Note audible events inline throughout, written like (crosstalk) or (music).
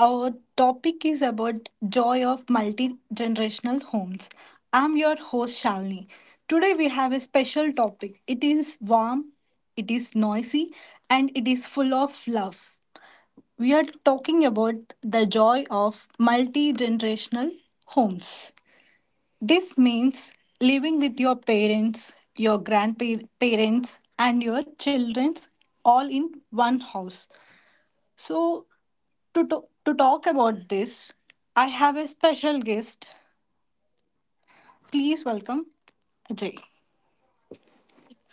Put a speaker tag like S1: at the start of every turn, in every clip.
S1: Our topic is about joy of multi-generational homes. I'm your host Shalini. Today we have a special topic. It is warm, it is noisy, and it is full of love. We are talking about the joy of multi-generational homes. This means living with your parents, your grandparents, and your children all in one house. So, to talk about this, I have a special guest. Please welcome Ajay.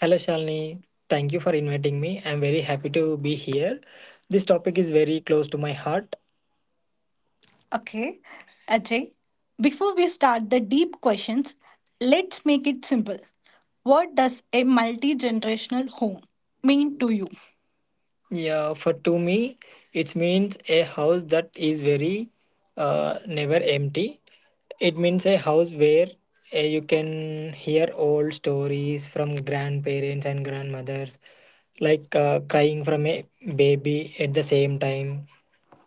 S1: Hello, Shalini. Thank you for inviting me. I'm very happy to be here. This topic is very close to my heart. Okay, Ajay, before we start the deep questions, let's make it simple. What does a multi generational home mean to you? Yeah, for to me, it means a house that is very never empty. It means a house where you can hear old stories from grandparents and grandmothers, like crying from a baby at the same time.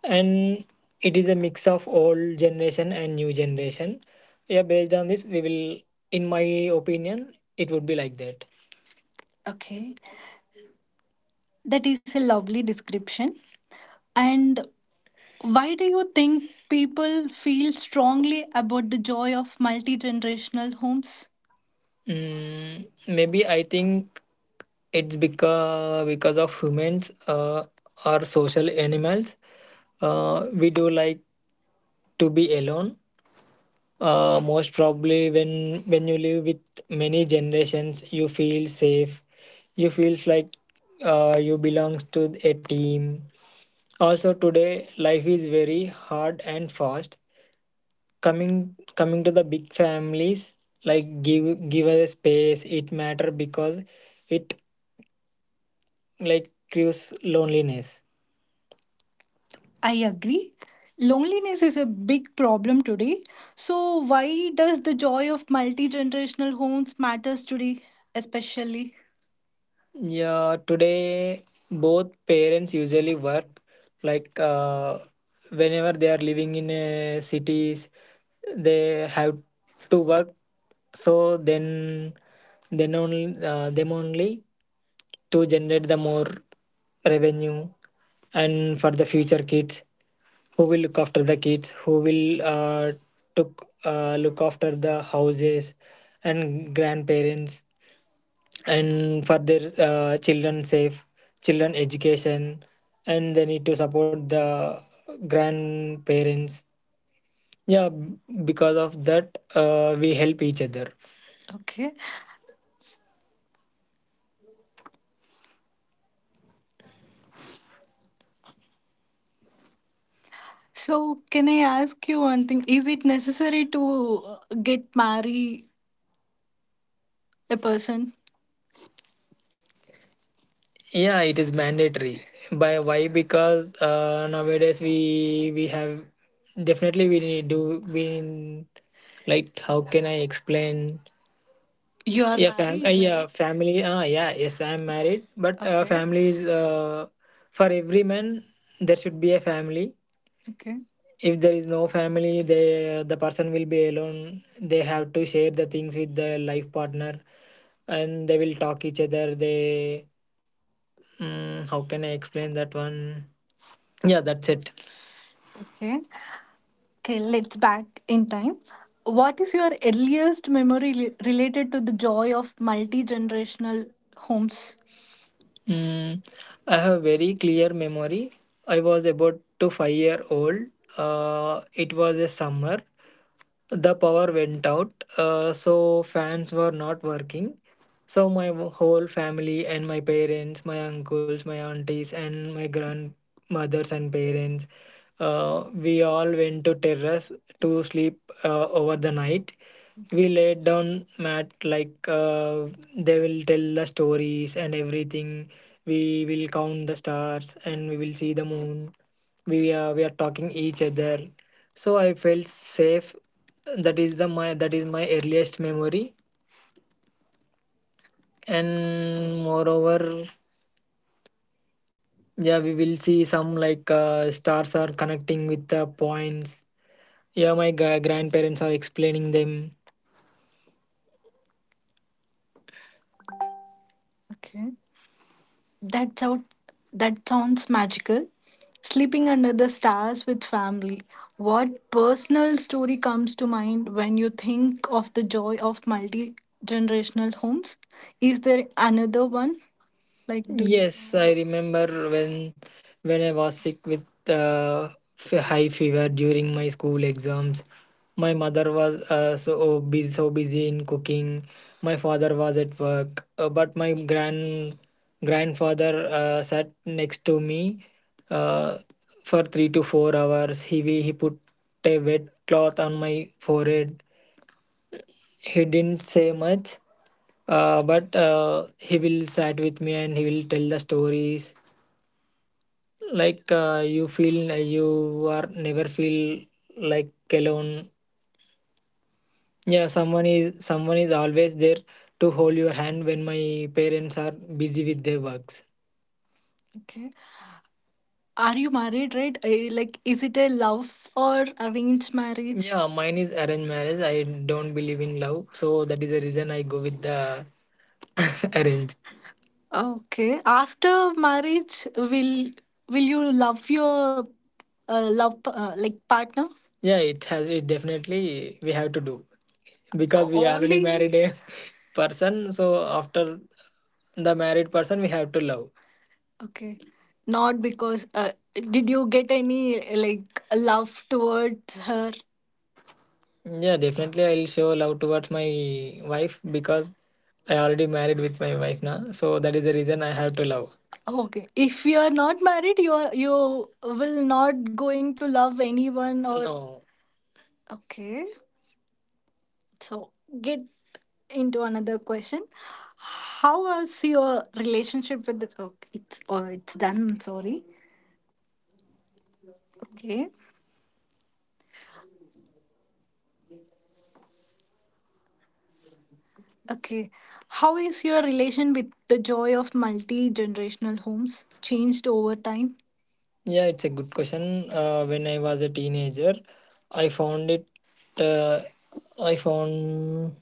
S1: And it is a mix of old generation and new generation. Yeah, based on this, we will, in my opinion, it would be like that. Okay. That is a lovely description. And why do you think people feel strongly about the joy of multi generational homes? Maybe I think it's because of humans are social animals. We do like to be alone. Most probably, when you live with many generations, you feel safe. You feels like you belongs to a team. Also today life is very hard and fast. Coming to the big families like give us space. It matter because it like creates loneliness. I agree. Loneliness is a big problem today. So why does the joy of multi-generational homes matters today especially? Yeah, today both parents usually work like whenever they are living in cities, they have to work. So then only them only to generate the more revenue, and for the future kids who will look after the kids, who will took look after the houses and grandparents and for their children safe children education, and they need to support the grandparents, yeah, because of that we help each other. Okay. So, can I ask you one thing? Is it necessary to get marry a person? Yeah, it is mandatory. By why? Because nowadays we have definitely we need do we, like, how can I explain? You are. Yeah, fam married, yeah, right? Family. Yeah, yes, I'm married, but okay, family is for every man. There should be a family. Okay. If there is no family, they the person will be alone. They have to share the things with their life partner, and they will talk each other. They, how can I explain that one? Yeah, that's it. Okay. Okay, let's back in time. What is your earliest memory related to the joy of multi generational homes? Mm, I have very clear memory. I was about to 5-year old. It was a summer. The power went out, so fans were not working. So my whole family and my parents, my uncles, my aunties, and my grandmothers and parents, we all went to terrace to sleep over the night. We laid down mat like they will tell the stories and everything. We will count the stars and we will see the moon. We are talking each other. So I felt safe. That is my earliest memory, and moreover, yeah, we will see some like stars are connecting with the points. Yeah, my grandparents are explaining them. Okay. That sound that sounds magical. Sleeping under the stars with family. What personal story comes to mind when you think of the joy of multi generational homes? Is there another one? Like, do you? Yes, I remember when I was sick with high fever during my school exams. My mother was so busy in cooking. My father was at work, but my grandfather sat next to me uh, for 3 to 4 hours. He put a wet cloth on my forehead. He didn't say much, but he will sat with me and he will tell the stories, like, you feel, you are never feel like alone. Yeah, someone is always there to hold your hand when my parents are busy with their works. Okay. Are you married, right? I, like, is it a love or arranged marriage? Yeah, mine is arranged marriage. I don't believe in love, so that is the reason I go with the (laughs) arrange. Okay. After marriage, will you love your love like partner? Yeah, it has it definitely we have to do because we are already only married a (laughs) person. So after the married person, we have to love. Okay. Not because did you get any like love towards her? Yeah, definitely I'll show love towards my wife because I already married with my wife now. So that is the reason I have to love. Okay. If you are not married, you are, you will not going to love anyone or no. Okay. So get into another question. How was your relationship with the? Okay, it's or it's done. I'm sorry. Okay. Okay. How is your relation with the joy of multi generational homes changed over time? Yeah, it's a good question. When I was a teenager, I found it. Uh, I found.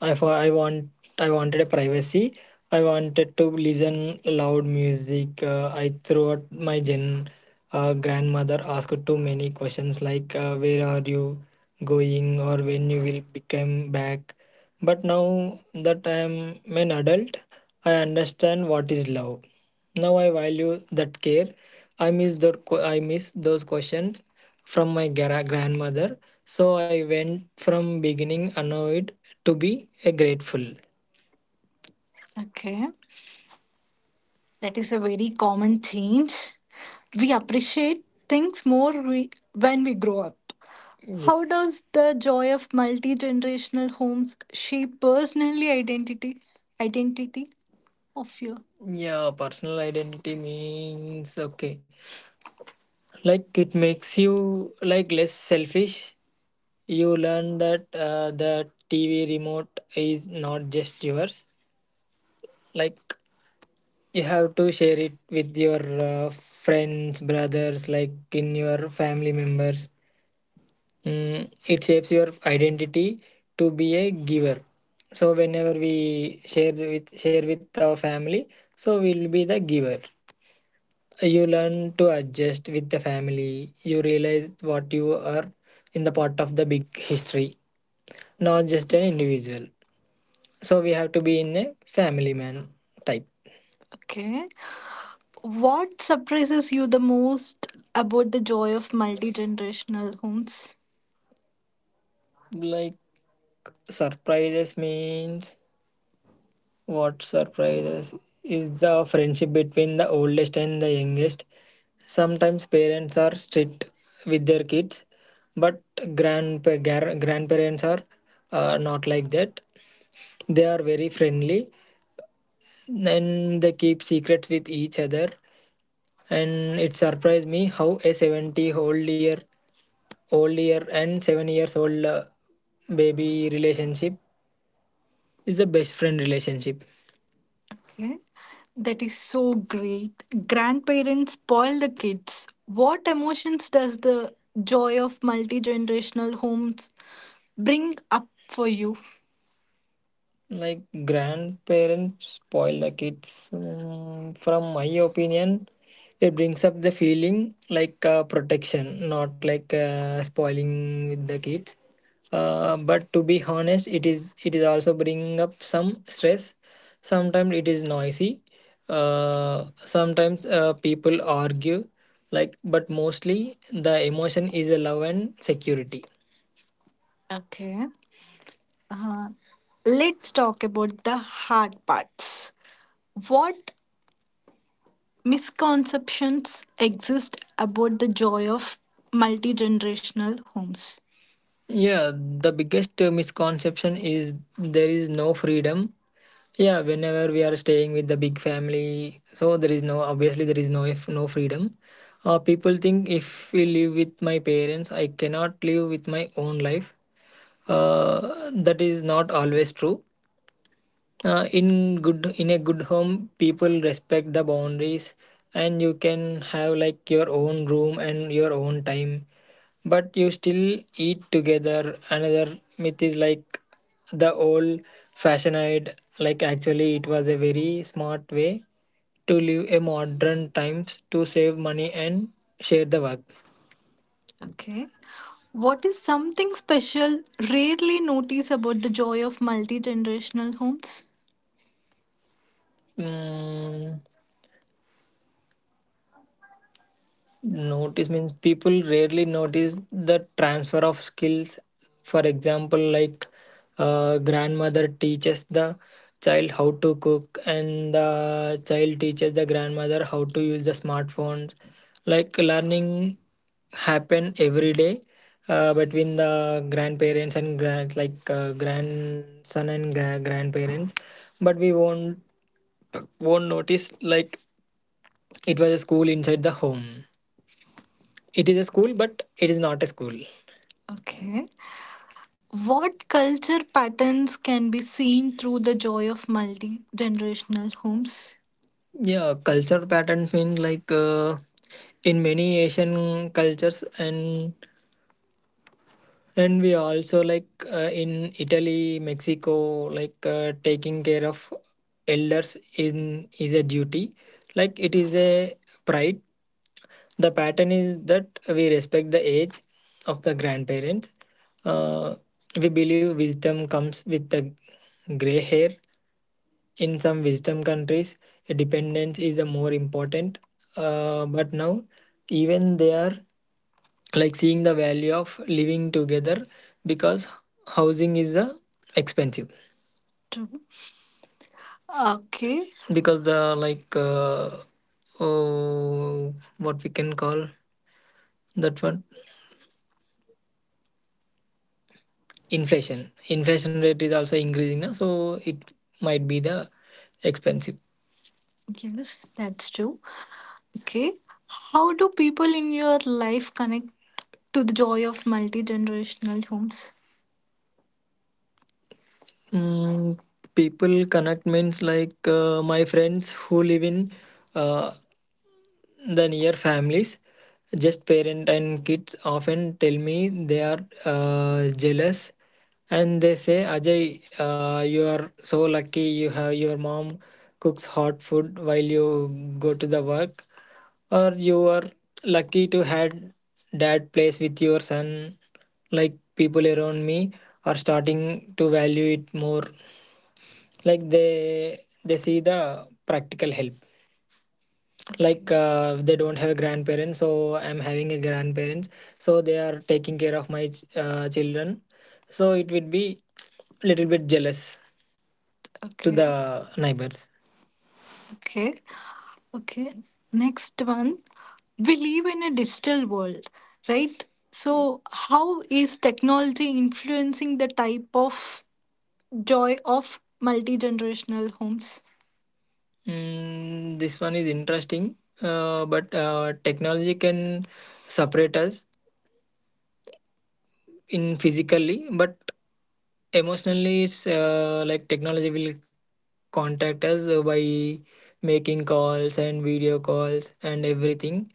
S1: I want. I wanted a privacy. I wanted to listen loud music. I threw out my gen. Grandmother asked too many questions like, where are you going or when you will become back. But now that I am an adult, I understand what is love. Now I value that care. I miss I miss those questions from my grandmother. So I went from beginning annoyed to be a grateful. Okay. That is a very common change. We appreciate things more we, when we grow up. How yes does the joy of multi generational homes shape personally identity of you? Yeah, personal identity means okay, like, it makes you like less selfish. You learn that the tv remote is not just yours, like, you have to share it with your friends brothers, like, in your family members. It shapes your identity to be a giver. So whenever we share with our family, so we'll be the giver. You learn to adjust with the family. You realize what you are in the part of the big history, not just an individual. So we have to be in a family man type. Okay. What surprises you the most about the joy of multi generational homes? Like, surprises means. What surprises is the friendship between the oldest and the youngest. Sometimes parents are strict with their kids, but grandparents are, not like that. They are very friendly and they keep secrets with each other. And it surprised me how a 70 old year and 7 years old baby relationship is the best friend relationship. Okay. That is so great. Grandparents spoil the kids. What emotions does the joy of multi generational homes bring up for you? Like grandparents spoil the kids. From my opinion, it brings up the feeling like, protection, not like, spoiling with the kids. But to be honest, it is also bringing up some stress. Sometimes it is noisy, sometimes, people argue, like, but mostly the emotion is a love and security. Okay. Uh, let's talk about the hard parts. What misconceptions exist about the joy of multi generational homes? Yeah, the biggest misconception is there is no freedom. Yeah, whenever we are staying with the big family, so there is no obviously there is no freedom. People think if we live with my parents, I cannot live with my own life. That is not always true. Uh, in a good home, people respect the boundaries, and you can have like your own room and your own time. But you still eat together. Another myth is like the old fashioned. Like actually, it was a very smart way to live a modern times to save money and share the work. Okay. What is something special rarely notice about the joy of multi generational homes? Mm, notice means people rarely notice the transfer of skills. For example, like grandmother teaches the child how to cook, and the child teaches the grandmother how to use the smartphones. Like learning happen every day between the grandparents and grandson and grandparents, but we won't notice, like, it was a school inside the home. It is a school, but it is not a school. Okay. What culture patterns can be seen through the joy of multi generational homes? Yeah, culture patterns mean like in many Asian cultures and we also like in Italy, Mexico, like taking care of elders in is a duty. Like it is a pride, the pattern is that we respect the age of the grandparents. Uh, we believe wisdom comes with the gray hair. In some wisdom countries, dependence is a more important. But now, even they are like seeing the value of living together because housing is expensive. True. Okay. Because the like oh, what we can call that one, inflation rate is also increasing now, so it might be the expensive. Yes, that's true. Okay. How do people in your life connect to the joy of multi generational homes? Mm, people connect means like my friends who live in uh, the near families, just parent and kids, often tell me they are jealous and they say, Ajay, you are so lucky you have your mom cooks hot food while you go to the work, or you are lucky to had dad plays with your son. Like people around me are starting to value it more. Like they see the practical help. Okay. Like they don't have a grandparent, so I'm having a grandparents, so they are taking care of my children, so it would be little bit jealous to, okay, the neighbors. Okay. Okay. Next one. We live in a digital world, right? So, how is technology influencing the type of joy of multi generational homes? This one is interesting, but technology can separate us in physically, but emotionally, it's like technology will contact us by making calls and video calls and everything.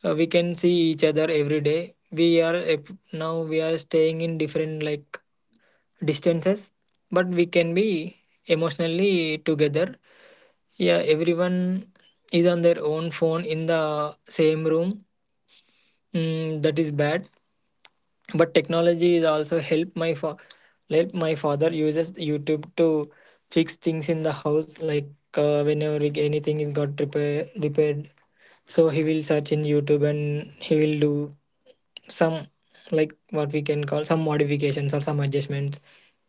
S1: We can see each other every day. We are now we are staying in different like distances, but we can be emotionally together. Yeah, everyone is on their own phone in the same room. That is bad. But technology is also help my help my father uses YouTube to fix things in the house. Like whenever like, anything is got repaired, so he will search in YouTube and he will do some like what we can call some modifications or some adjustments.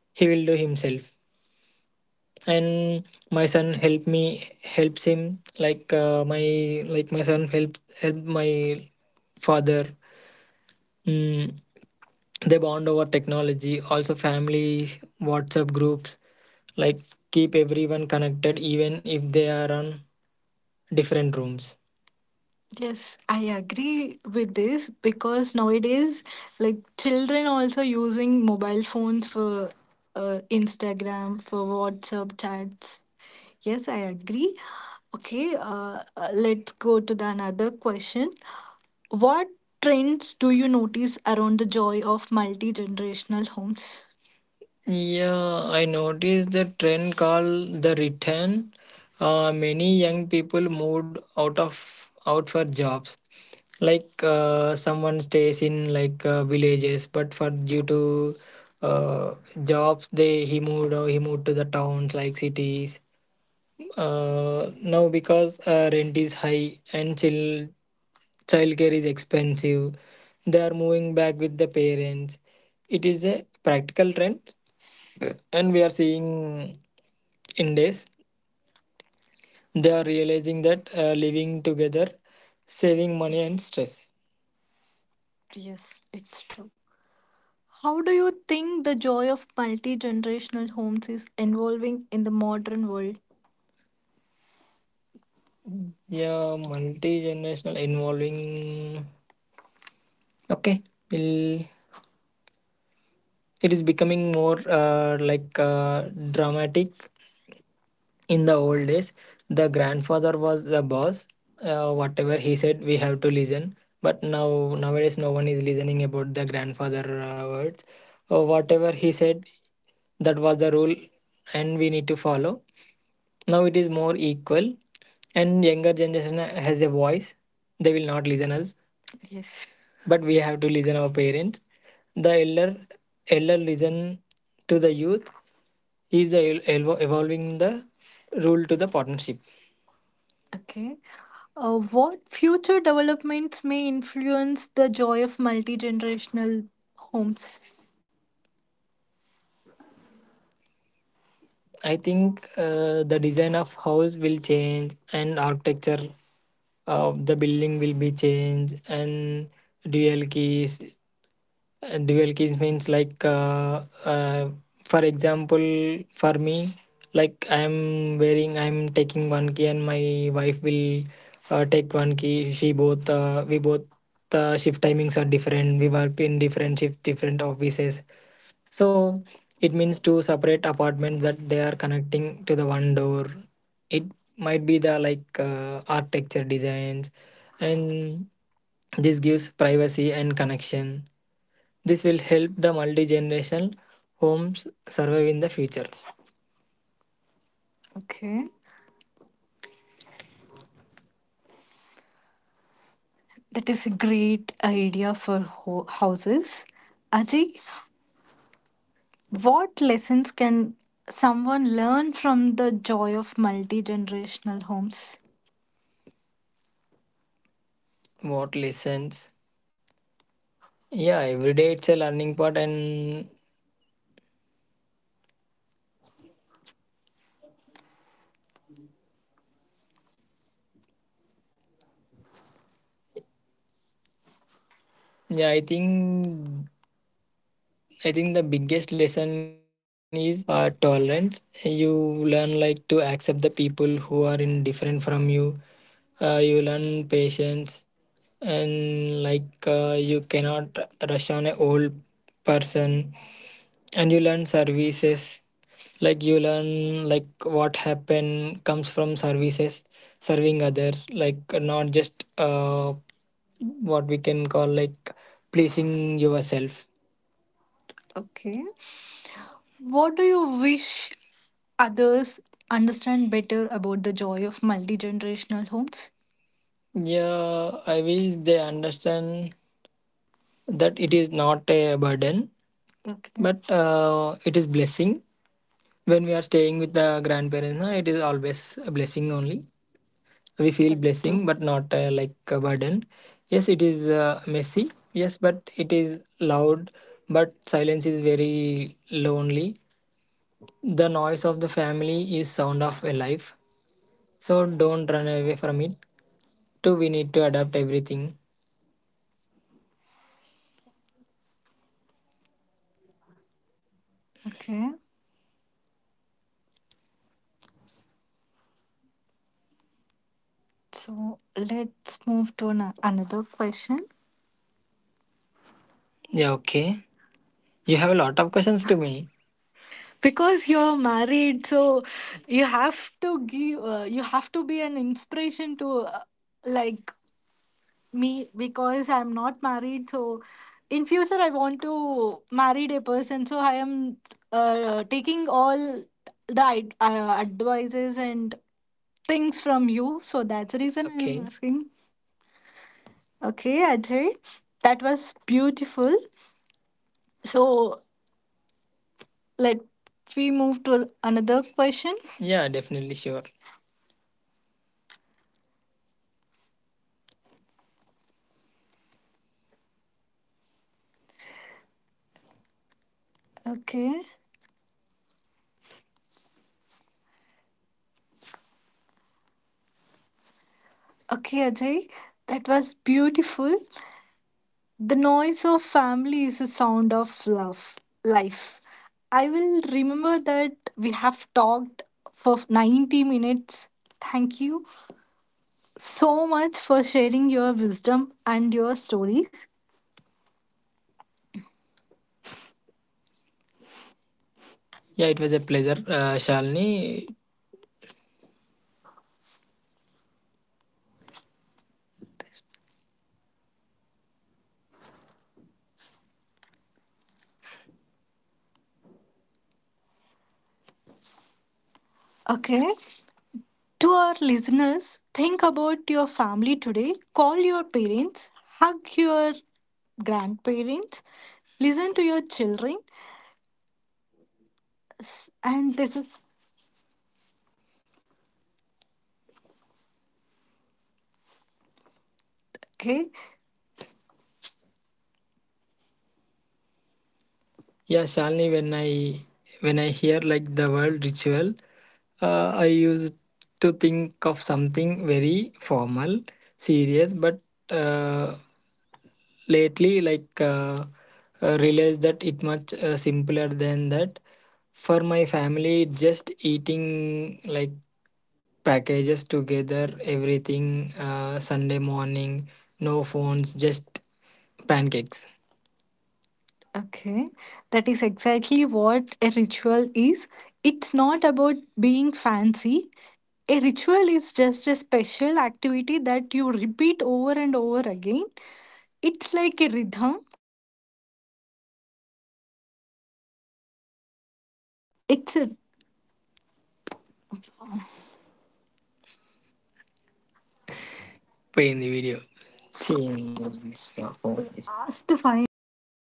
S1: He will do himself, and my son helps him like my son help my father. mm, they bond over technology, also family whatsapp groups like keep everyone connected even if they are on different rooms. Yes, I agree with this because nowadays, like children also using mobile phones for Instagram, for WhatsApp chats. Yes, I agree. Okay, let's go to the another question. What trends do you notice around the joy of multi-generational homes? Yeah, I noticed the trend called the return. Many young people moved out for jobs. Like someone stays in like villages, but for due to uh, jobs, they he moved or he moved to the towns like cities. Now because rent is high and chill childcare is expensive. They are moving back with the parents. It is a practical trend and we are seeing in days they are realizing that living together saving money and stress. Yes, it's true. How do you think the joy of multi generational homes is evolving in the modern world? Yeah, multi-generational involving, okay, will, it is becoming more dramatic. In the old days the grandfather was the boss. Whatever he said we have to listen, but now nowadays no one is listening about the grandfather words. Whatever he said, that was the rule and we need to follow. Now it is more equal, and younger generation has a voice. They will not listen us, yes, but we have to listen our parents. The elder listen to the youth. He is evolving the rule to the partnership. Okay. What future developments may influence the joy of multi generational homes? I think the design of house will change and architecture of the building will be changed, and dual keys. And dual keys means like for example for me, like I'm taking one key and my wife will take one key. She both We both shift timings are different, we worked in different shift different offices. So it means two separate apartments that they are connecting to the one door. It might be the like architecture designs, and this gives privacy and connection. This will help the multi-generational homes survive in the future. Okay, that is a great idea for houses. Ajay, what lessons can someone learn from the joy of multi generational homes? What lessons? Yeah, every day it's a learning part, and yeah, I think, the biggest lesson is tolerance. You learn like to accept the people who are in different from you. You learn patience, and like you cannot rush on a old person, and you learn services, like you learn like what happen comes from services, serving others, like not just what we can call like pleasing yourself. Okay. What do you wish others understand better about the joy of multi generational homes? Yeah, I wish they understand that it is not a burden, okay, but it is blessing. When we are staying with the grandparents, na, it is always a blessing only. We feel, that's true, blessing, but not like a burden. Yes, it is messy. Yes, but it is loud. But silence is very lonely. The noise of the family is sound of a life. So don't run away from it. Too we need to adapt everything. Okay. So let's move to another question. Yeah, okay. You have a lot of questions to me. Because you're married, so you have to give, you have to be an inspiration to, like, me because I'm not married. So in future, I want to marry a person. So I am taking all the advices and things from you. So that's the reason I'm, okay, asking. Okay, Ajay, that was beautiful. So let we move to another question. Yeah, definitely sure. Okay. Okay, Ajay. That was beautiful. The noise of family is the sound of love, life. I will remember that. We have talked for 90 minutes. Thank you so much for sharing your wisdom and your stories. Yeah, it was a pleasure, Shalini. Okay. To our listeners, think about your family today. Call your parents, hug your grandparents, listen to your children. And this is, okay. Yeah, Shalini, when I hear like the word ritual, I used to think of something very formal, serious, but uh, lately like realized that it much simpler than that. For my family, just eating like packages together, everything Sunday morning, no phones, just pancakes. Okay, that is exactly what a ritual is. It's not about being fancy. A ritual is just a special.
S2: It's పోయింది video last 5 minutes.